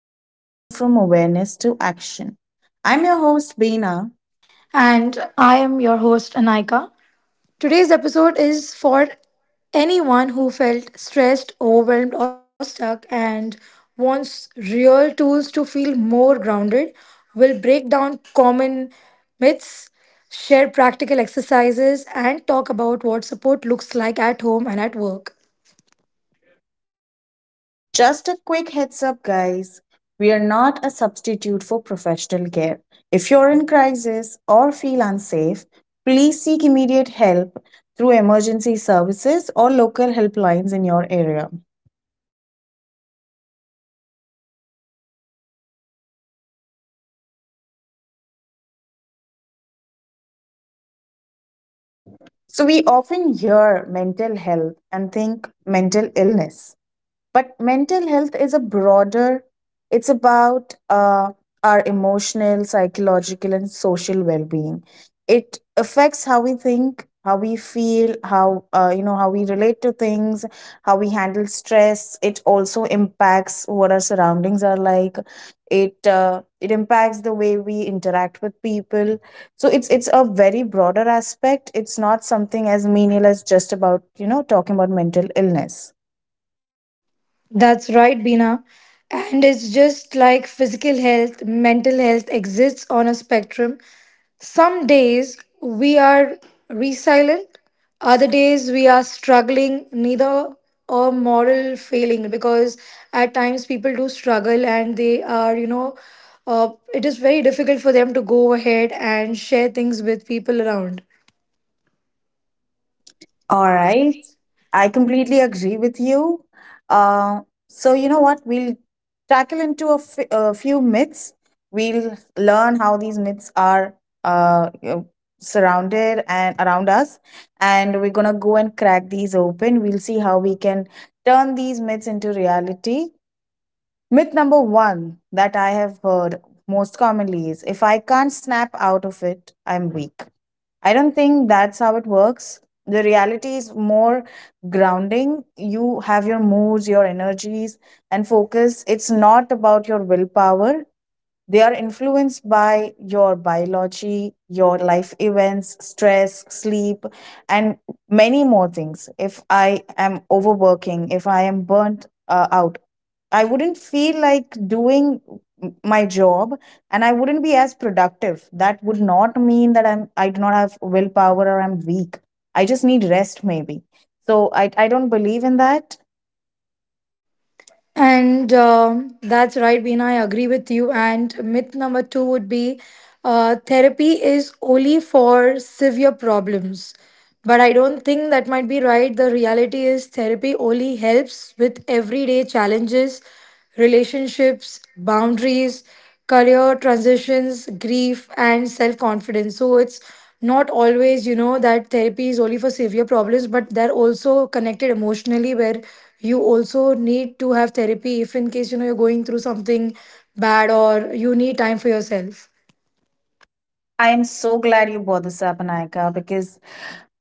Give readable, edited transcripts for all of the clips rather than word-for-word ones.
how we can move from awareness to action. I'm your host, Beena. And I am your host, Anaika. Today's episode is for anyone who felt stressed, overwhelmed, or stuck and wants real tools to feel more grounded. We'll break down common myths, share practical exercises, and talk about what support looks like at home and at work. Just a quick heads up, guys. We are not a substitute for professional care. If you're in crisis or feel unsafe, please seek immediate help through emergency services or local helplines in your area. All right, guys, and Beena, let's start with the basic. What do we mean by mental health and why does it matter? So, we often hear mental health and think mental illness, but mental health is a broader, it's about our emotional, psychological, and social well-being. It affects how we think, how we feel, how how we relate to things, how we handle stress. It also impacts what our surroundings are like. It impacts the way we interact with people. So it's a very broader aspect. It's not something as menial as just, about talking about mental illness. That's right, Bina. And it's just like physical health, mental health exists on a spectrum. Some days we are resilient, other days we are struggling, neither a moral failing because at times people do struggle and they are, it is very difficult for them to go ahead and share things with people around. All right. I completely agree with you. Uh, so, you know what? We'll tackle into a few myths. We'll learn how these myths are, uh, you know, surrounded and around us. And we're going to go and crack these open. We'll see how we can turn these myths into reality. Myth number one that I have heard most commonly is, if I can't snap out of it, I'm weak. I don't think that's how it works. The reality is more grounding. You have your moods, your energies, and focus. It's not about your willpower. They are influenced by your biology, your life events, stress, sleep, and many more things. If I am overworking, if I am burnt out, I wouldn't feel like doing my job, and I wouldn't be as productive. That would not mean that I do not have willpower or I'm weak. I just need rest, maybe. So I don't believe in that. And that's right, Beena. I agree with you. And myth number two would be therapy is only for severe problems. But I don't think that might be right. The reality is, therapy only helps with everyday challenges, relationships, boundaries, career transitions, grief, and self confidence. So it's not always, that therapy is only for severe problems, but they're also connected emotionally where you also need to have therapy if in case, you're going through something bad or you need time for yourself. I am so glad you brought this up, Anayaka, because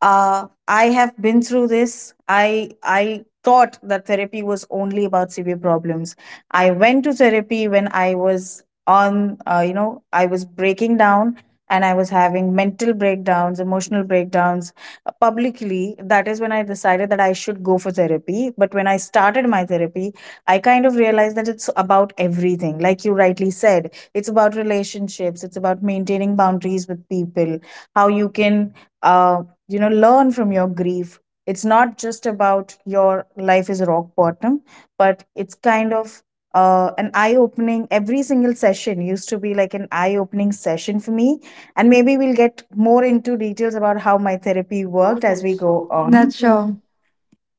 I have been through this. I thought that therapy was only about severe problems. I went to therapy when I was on, I was breaking down and I was having mental breakdowns, emotional breakdowns, publicly. That is when I decided that I should go for therapy. But when I started my therapy, I kind of realized that it's about everything. Like you rightly said, it's about relationships. It's about maintaining boundaries with people. How you can, uh, learn from your grief. It's not just about your life is rock bottom, but it's kind of an eye opening. Every single session used to be like an eye opening session for me. And maybe we'll get more into details about how my therapy worked as we go on. That's sure.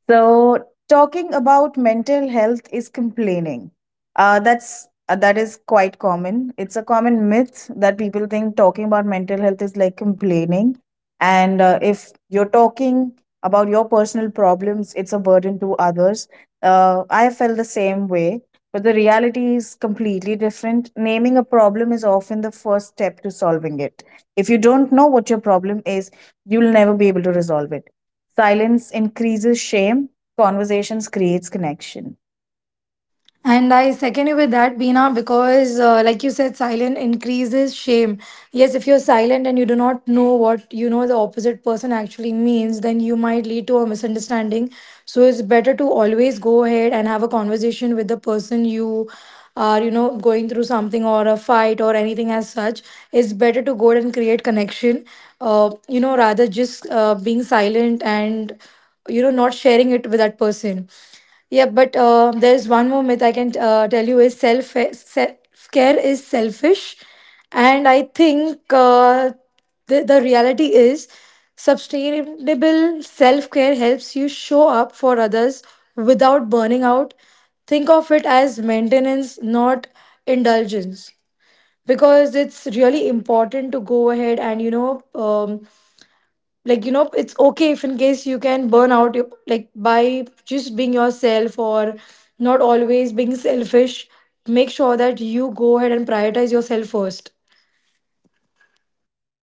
So, talking about mental health is complaining. That is quite common. It's a common myth that people think talking about mental health is like complaining, and if you're talking about your personal problems, it's a burden to others. I felt the same way, but the reality is completely different. Naming a problem is often the first step to solving it. If you don't know what your problem is, you'll never be able to resolve it. Silence increases shame, conversations creates connection. And I second you with that, Beena, because like you said, silence increases shame. Yes, if you're silent and you do not know what the opposite person actually means, then you might lead to a misunderstanding. So it's better to always go ahead and have a conversation with the person you are, going through something or a fight or anything as such. It's better to go ahead and create connection, rather just being silent and, not sharing it with that person. Yeah, but there's one more myth I can tell you is self care is selfish, and I think the reality is sustainable self care helps you show up for others without burning out. Think of it as maintenance, not indulgence, because it's really important to go ahead and like it's okay if in case you can burn out your, like by just being yourself or not always being selfish. Make sure that you go ahead and prioritize yourself first.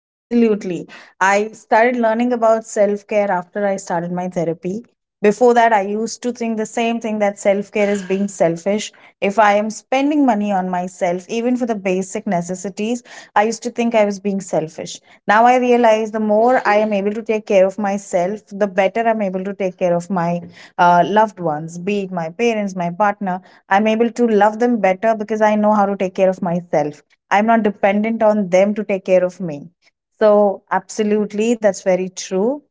Absolutely. I started learning about self care after I started my therapy. Before that, I used to think the same thing, that self care is being selfish. If I am spending money on myself, even for the basic necessities, I used to think I was being selfish. Now I realize, the more I am able to take care of myself, the better I'm able to take care of my loved ones, be it my parents, my partner. I'm able to love them better because I know how to take care of myself. I'm not dependent on them to take care of me. So, absolutely, that's very true.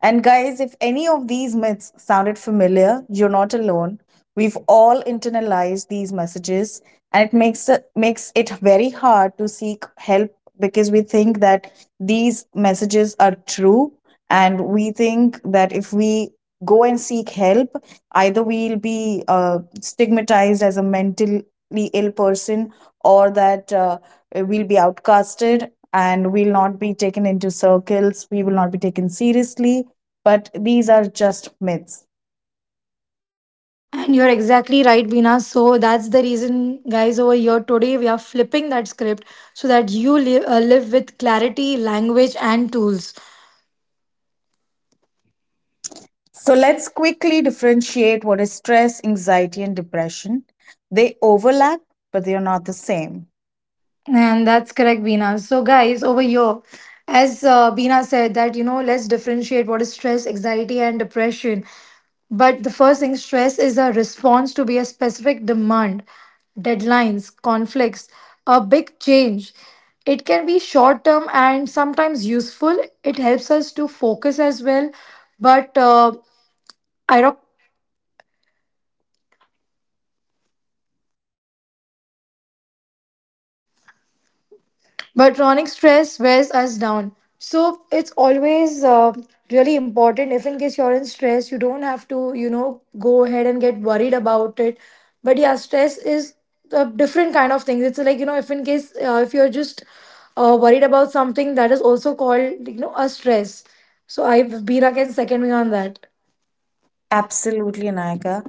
And, guys, if any of these myths sounded familiar, you're not alone. We've all internalized these messages, and it makes it very hard to seek help, because we think that these messages are true. And we think that if we go and seek help, either we'll be stigmatized as a mentally ill person, or that we'll be outcasted and we'll not be taken into circles, we will not be taken seriously. But these are just myths. And you're exactly right, Bina. So that's the reason, guys, over here today we are flipping that script so that you live with clarity, language, and tools. So let's quickly differentiate what is stress, anxiety, and depression. They overlap, but they are not the same. And that's correct, Beena. So, guys, over here, as Beena said, that let's differentiate what is stress, anxiety, and depression. But the first thing, stress is a response to be a specific demand, deadlines, conflicts, a big change. It can be short term and sometimes useful. It helps us to focus as well. But uh, But chronic stress wears us down. So it's always really important if in case you're in stress, you don't have to, go ahead and get worried about it. But yeah, stress is a different kind of thing. It's like, if in case if you're just worried about something that is also called, a stress. So I've can second me on that. Absolutely, Naika.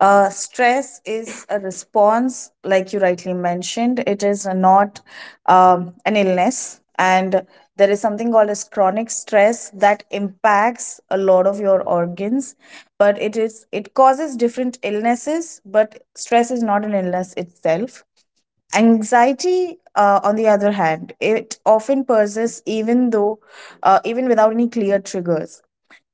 Stress is a response, like you rightly mentioned. It is not an illness, and there is something called as chronic stress that impacts a lot of your organs. But it causes different illnesses. But stress is not an illness itself. Anxiety, on the other hand, it often persists even though, even without any clear triggers.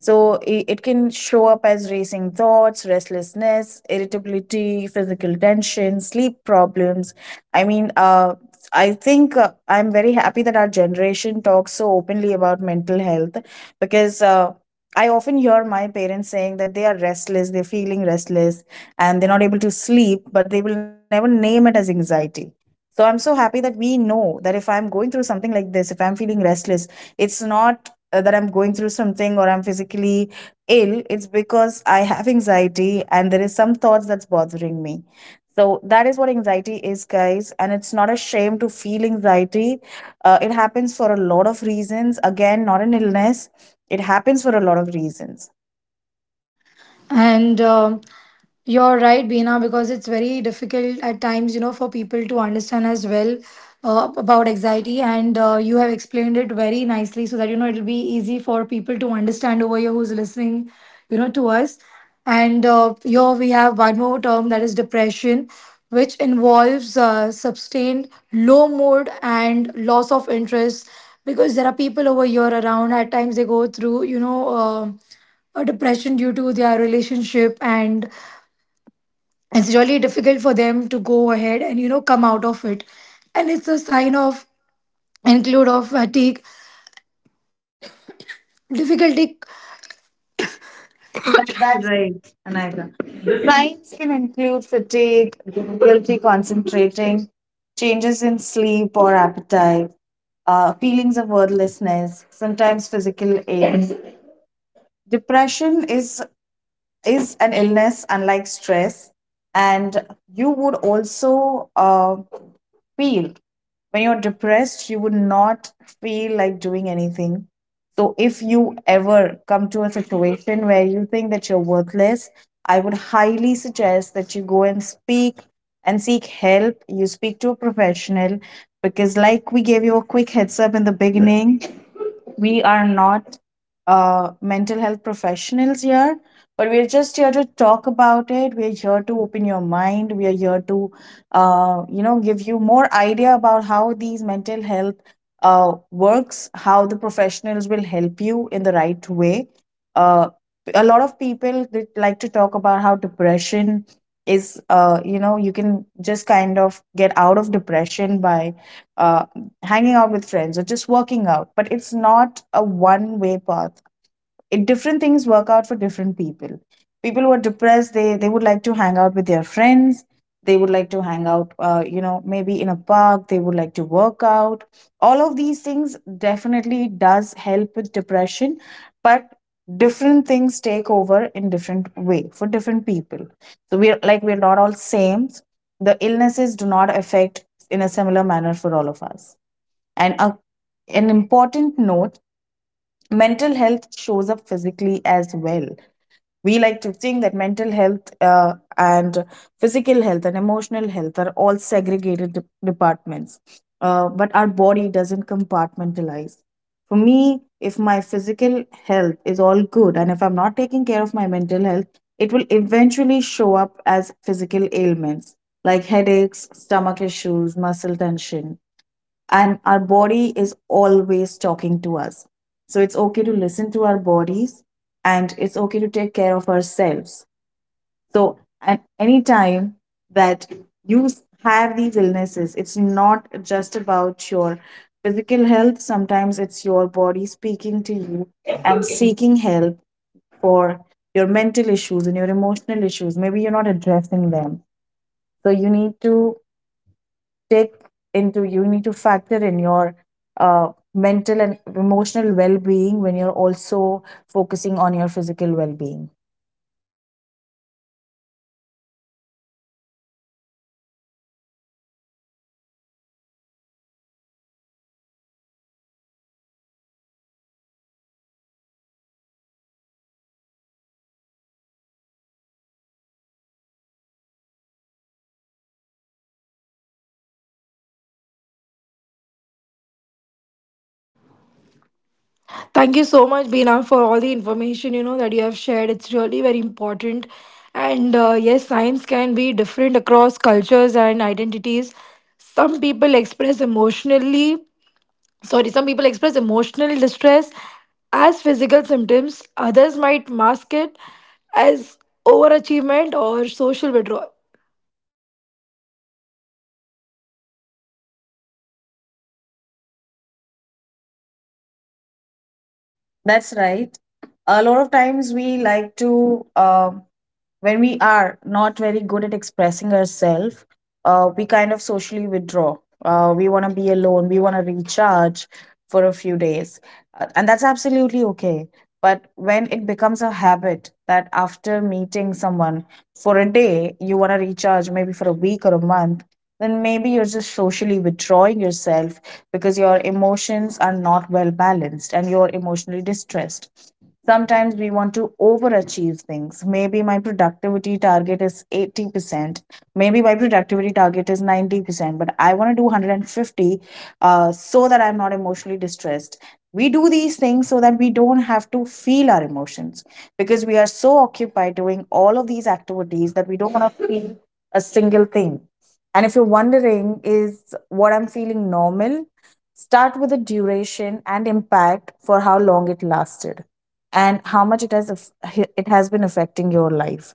So it can show up as racing thoughts, restlessness, irritability, physical tension, sleep problems. I mean, uh, I think I'm very happy that our generation talks so openly about mental health, because I often hear my parents saying that they are restless, they're feeling restless, and they're not able to sleep, but they will never name it as anxiety. So I'm so happy that we know that if I'm going through something like this, if I'm feeling restless, it's not that I'm going through something or I'm physically ill, it's because I have anxiety and there is some thoughts that's bothering me. So that is what anxiety is, guys. And it's not a shame to feel anxiety. It happens for a lot of reasons. Again, not an illness. It happens for a lot of reasons. And you're right, Beena, because it's very difficult at times, for people to understand as well about anxiety. And you have explained it very nicely so that, it'll be easy for people to understand over here who's listening, to us. And here we have one more term that is depression, which involves sustained low mood and loss of interest, because there are people over here around. At times they go through, a depression due to their relationship and it's really difficult for them to go ahead and come out of it. And it's a sign of include of fatigue, difficulty. That's right, Anayika. Signs can include fatigue, difficulty concentrating, changes in sleep or appetite, feelings of worthlessness, sometimes physical ache. Depression is an illness unlike stress, and you would also feel. When you're depressed, you would not feel like doing anything. So if you ever come to a situation where you think that you're worthless, I would highly suggest that you go and speak and seek help. You speak to a professional, because like we gave you a quick heads up in the beginning, we are not mental health professionals here, but we're just here to talk about it. We're here to open your mind. We are here to, give you more idea about how these mental health works, how the professionals will help you in the right way. Uh, a lot of people, they like to talk about how depression is, you can just kind of get out of depression by uh hanging out with friends or just working out. But it's not a one way path. It, different things work out for different people. People who are depressed, they would like to hang out with their friends. They would like to hang out, you know, maybe in a park, they would like to work out. All of these things definitely does help with depression, but different things take over in different way for different people. So we're not all same. The illnesses do not affect in a similar manner for all of us. And an important note, mental health shows up physically as well. We like to think that mental health and physical health and emotional health are all segregated departments, but our body doesn't compartmentalize. For me, if my physical health is all good and if I'm not taking care of my mental health, it will eventually show up as physical ailments like headaches, stomach issues, muscle tension. And our body is always talking to us. So it's okay to listen to our bodies, and it's okay to take care of ourselves. So at any time that you have these illnesses, it's not just about your physical health. Sometimes it's your body speaking to you and seeking help for your mental issues and your emotional issues. Maybe you're not addressing them. So you need to take into, you need to factor in your mental and emotional well-being when you're also focusing on your physical well-being. Thank you so much, Bina, for all the information that you have shared. It's really very important. And yes, science can be different across cultures and identities. Some people express emotional distress as physical symptoms. Others might mask it as overachievement or social withdrawal. That's right. A lot of times we like to when we are not very good at expressing ourselves, we kind of socially withdraw. We want to be alone. We want to recharge for a few days. And that's absolutely okay. But when it becomes a habit, that after meeting someone for a day, you want to recharge maybe for a week or a month, then maybe you're just socially withdrawing yourself because your emotions are not well balanced and you're emotionally distressed. Sometimes we want to overachieve things. Maybe my productivity target is 80%. Maybe my productivity target is 90%, but I want to do 150 so that I'm not emotionally distressed. We do these things so that we don't have to feel our emotions because we are so occupied doing all of these activities that we don't want to feel a single thing. And if you're wondering, is what I'm feeling normal? Start with the duration and impact, for how long it lasted and how much it has been affecting your life.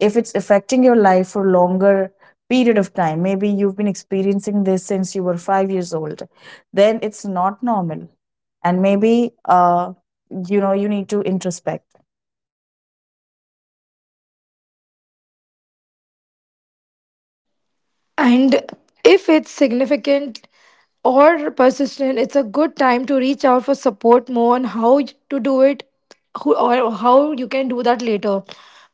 If it's affecting your life for longer period of time, maybe you've been experiencing this since you were 5 years old, then it's not normal. And maybe you need to introspect. And if it's significant or persistent, it's a good time to reach out for support. More on how to do it, who, or how you can do that later.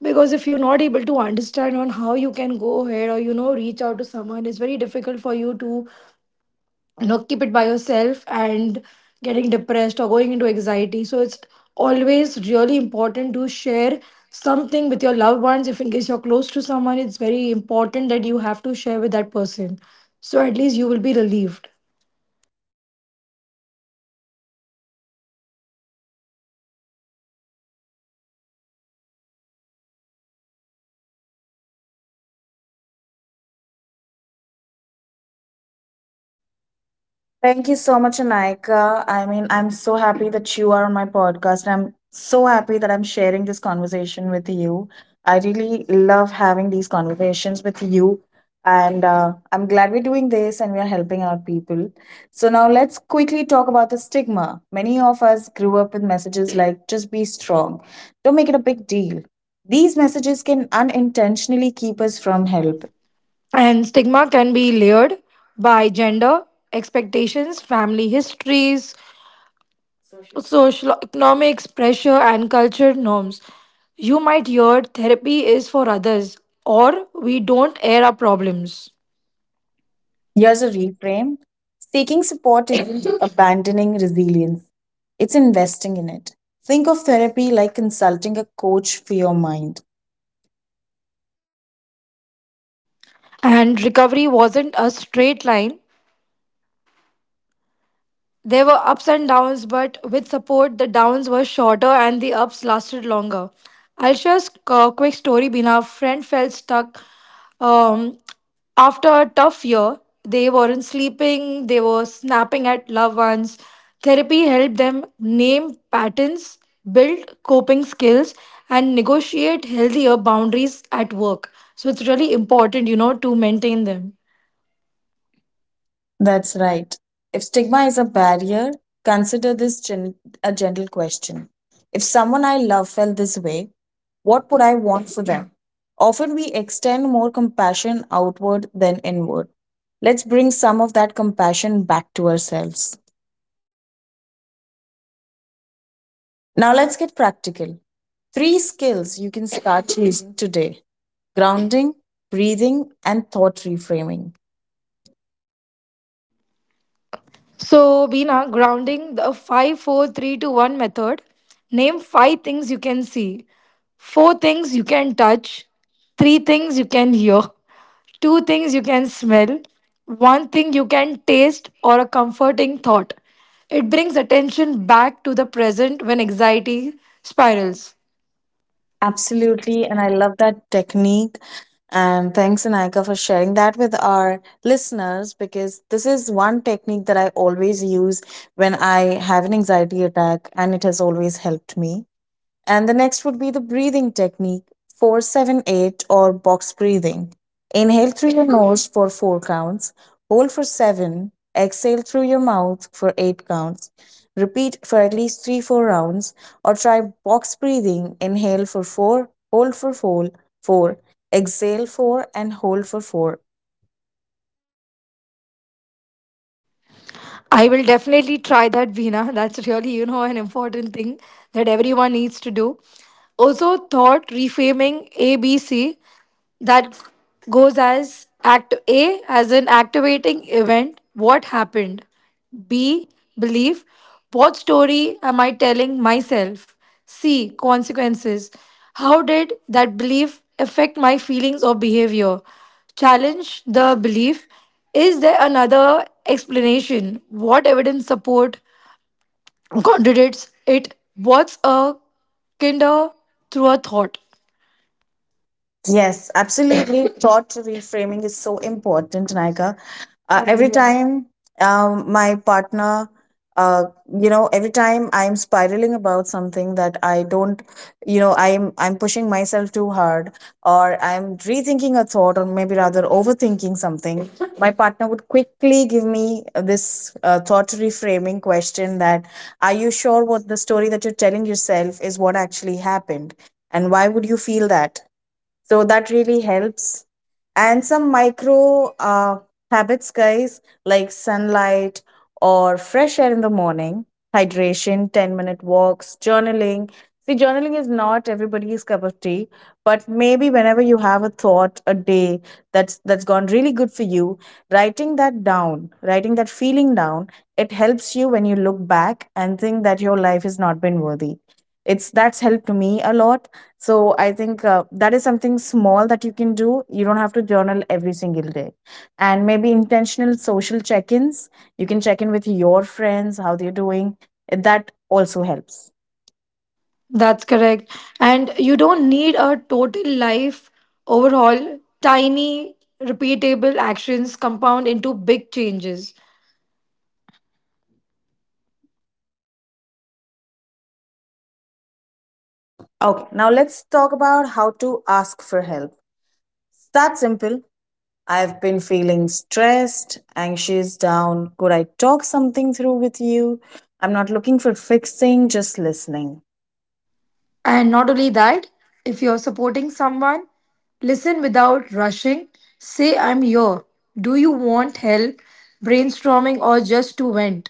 Because if you're not able to understand on how you can go ahead or reach out to someone, it's very difficult for you to keep it by yourself and getting depressed or going into anxiety. So it's always really important to share something with your loved ones. If in case you're close to someone, it's very important that you have to share with that person, so at least you will be relieved. Thank you so much, Anaika. I mean, I'm so happy that you are on my podcast. I'm so happy that I'm sharing this conversation with you. I really love having these conversations with you. And I'm glad we're doing this and we're helping out people. So, now let's quickly talk about the stigma. Many of us grew up with messages like, just be strong, don't make it a big deal. These messages can unintentionally keep us from help. And stigma can be layered by gender expectations, family histories, social economics pressure, and culture norms. You might hear therapy is for others, or we don't air our problems. Here's a reframe. Seeking support isn't abandoning resilience, it's investing in it. Think of therapy like consulting a coach for your mind. And recovery wasn't a straight line. There were ups and downs, but with support, the downs were shorter and the ups lasted longer. I'll share a quick story. Bina, a friend felt stuck um, after a tough year. They weren't sleeping, they were snapping at loved ones. Therapy helped them name patterns, build coping skills, and negotiate healthier boundaries at work. So it's really important, to maintain them. That's right. If stigma is a barrier, consider this a gentle question. If someone I love felt this way, what would I want for them? Often we extend more compassion outward than inward. Let's bring some of that compassion back to ourselves. Now let's get practical. Three skills you can start using today: grounding, breathing, and thought reframing. So, Bina, grounding the 5 4 three, two, 1 method, name 5 things you can see, 4 things you can touch, 3 things you can hear, 2 things you can smell, 1 thing you can taste, or a comforting thought. It brings attention back to the present when anxiety spirals. Absolutely. And I love that technique. And thanks, Anaika, for sharing that with our listeners, because this is one technique that I always use when I have an anxiety attack, and it has always helped me. And the next would be the breathing technique, 478 or box breathing. Inhale through your nose for four counts, hold for seven, exhale through your mouth for eight counts. Repeat for at least three, four rounds, or try box breathing. Inhale for four, hold for four, four, exhale four, and hold for four. I will definitely try that, Veena. That's really, an important thing that everyone needs to do. Also, thought reframing ABC. That goes as act A as an activating event. What happened? B, belief. What story am I telling myself? C, consequences. How did that belief affect my feelings or behavior? Challenge the belief. Is there another explanation? What evidence support contradicts it? What's a kinder through a thought? Yes, absolutely. Thought reframing is so important, Naika. Every time my partner, uh, every time I'm spiraling about something that I don't, you know, I'm pushing myself too hard, or I'm rethinking a thought, or maybe rather overthinking something. My partner would quickly give me this thought reframing question, that, "Are you sure what the story that you're telling yourself is what actually happened, and why would you feel that?" So that really helps. And some micro habits, guys, like sunlight or fresh air in the morning, hydration, 10-minute walks, journaling. See, journaling is not everybody's cup of tea, but maybe whenever you have a thought, a day that's gone really good for you, writing that down, writing that feeling down, it helps you when you look back and think that your life has not been worthy. It's that's helped me a lot. So I think that is something small that you can do. You don't have to journal every single day. And maybe intentional social check ins. You can check in with your friends, how they're doing. That also helps. That's correct. And you don't need a total life overhaul. Tiny, repeatable actions compound into big changes. Okay, now let's talk about how to ask for help. It's that simple. I've been feeling stressed, anxious, down. Could I talk something through with you? I'm not looking for fixing, just listening. And not only that, if you're supporting someone, listen without rushing. Say, I'm here. Do you want help, brainstorming, or just to vent?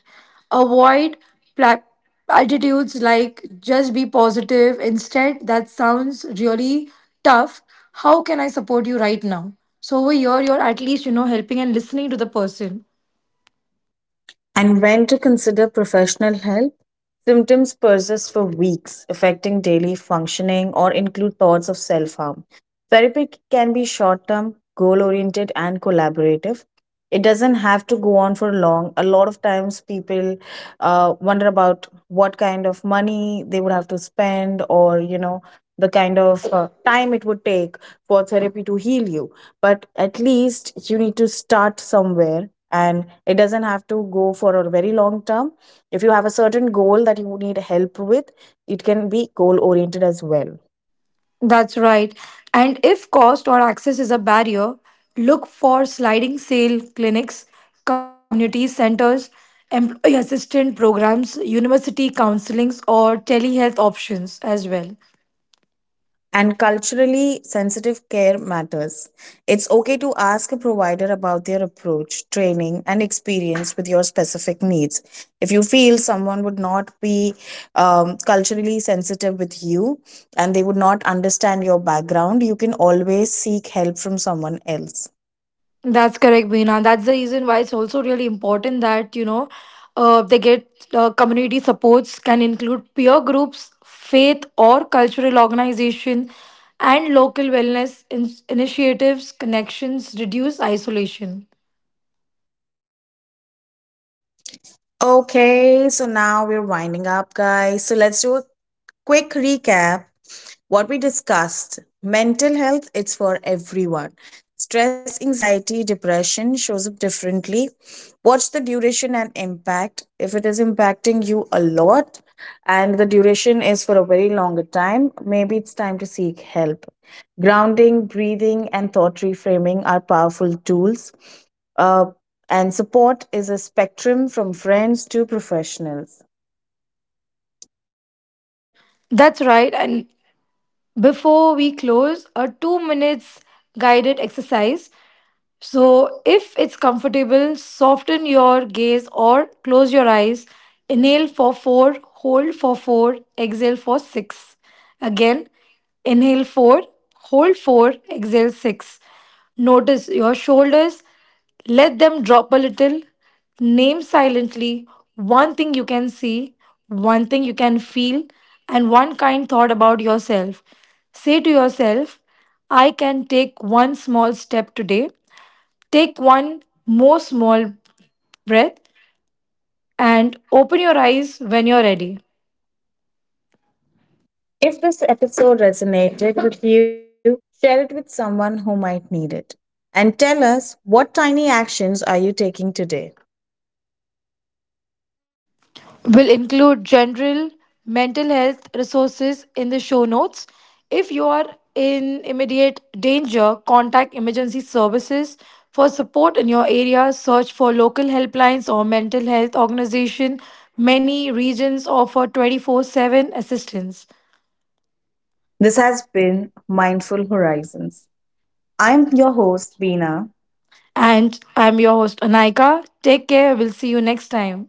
Avoid pla- attitudes like just be positive. Instead, that sounds really tough. How can I support you right now? So, over here, you're at least, helping and listening to the person. And when to consider professional help. Symptoms persist for weeks, affecting daily functioning, or include thoughts of self harm. Therapy can be short term, goal oriented, and collaborative. It doesn't have to go on for long. A lot of times, people wonder about what kind of money they would have to spend, or you know, the kind of time it would take for therapy to heal you. But at least you need to start somewhere, and it doesn't have to go for a very long term. If you have a certain goal that you need help with, it can be goal oriented as well. That's right. And if cost or access is a barrier, look for sliding sale clinics, community centers, employee assistance programs, university counselings, or telehealth options as well. And culturally sensitive care matters. It's okay to ask a provider about their approach, training, and experience with your specific needs. If you feel someone would not be culturally sensitive with you and they would not understand your background, you can always seek help from someone else. That's correct, Beena. That's the reason why it's also really important that, they get community supports can include peer groups, faith or cultural organization, and local wellness initiatives, connections, reduce isolation. Okay, so now we're winding up, guys. So let's do a quick recap. What we discussed: mental health, it's for everyone. Stress, anxiety, depression shows up differently. Watch the duration and impact. If it is impacting you a lot and the duration is for a very longer time, maybe it's time to seek help. Grounding, breathing, and thought reframing are powerful tools. uh, and support is a spectrum from friends to professionals. Right. That's right. And before we close, a 2 minutes guided exercise. So, if it's comfortable, soften your gaze or close your eyes. Inhale for 4, hold for 4, exhale for 6. Again, inhale 4, hold 4, exhale 6. Notice your shoulders, let them drop a little. Name silently one thing you can see, one thing you can feel, and one kind thought about yourself. Say to yourself, I can take one small step today. Take one more small breath and open your eyes when you're ready. If this episode resonated with you, share it with someone who might need it. And tell us, what tiny actions are you taking today? We'll include general mental health resources in the show notes. If you are in immediate danger, contact emergency services for support in your area. Search for local helplines or mental health organization. Many regions offer 24/7 assistance. This has been Mindful Horizons. I'm your host, Veena. And I'm your host, Anaika. Take care. We'll see you next time.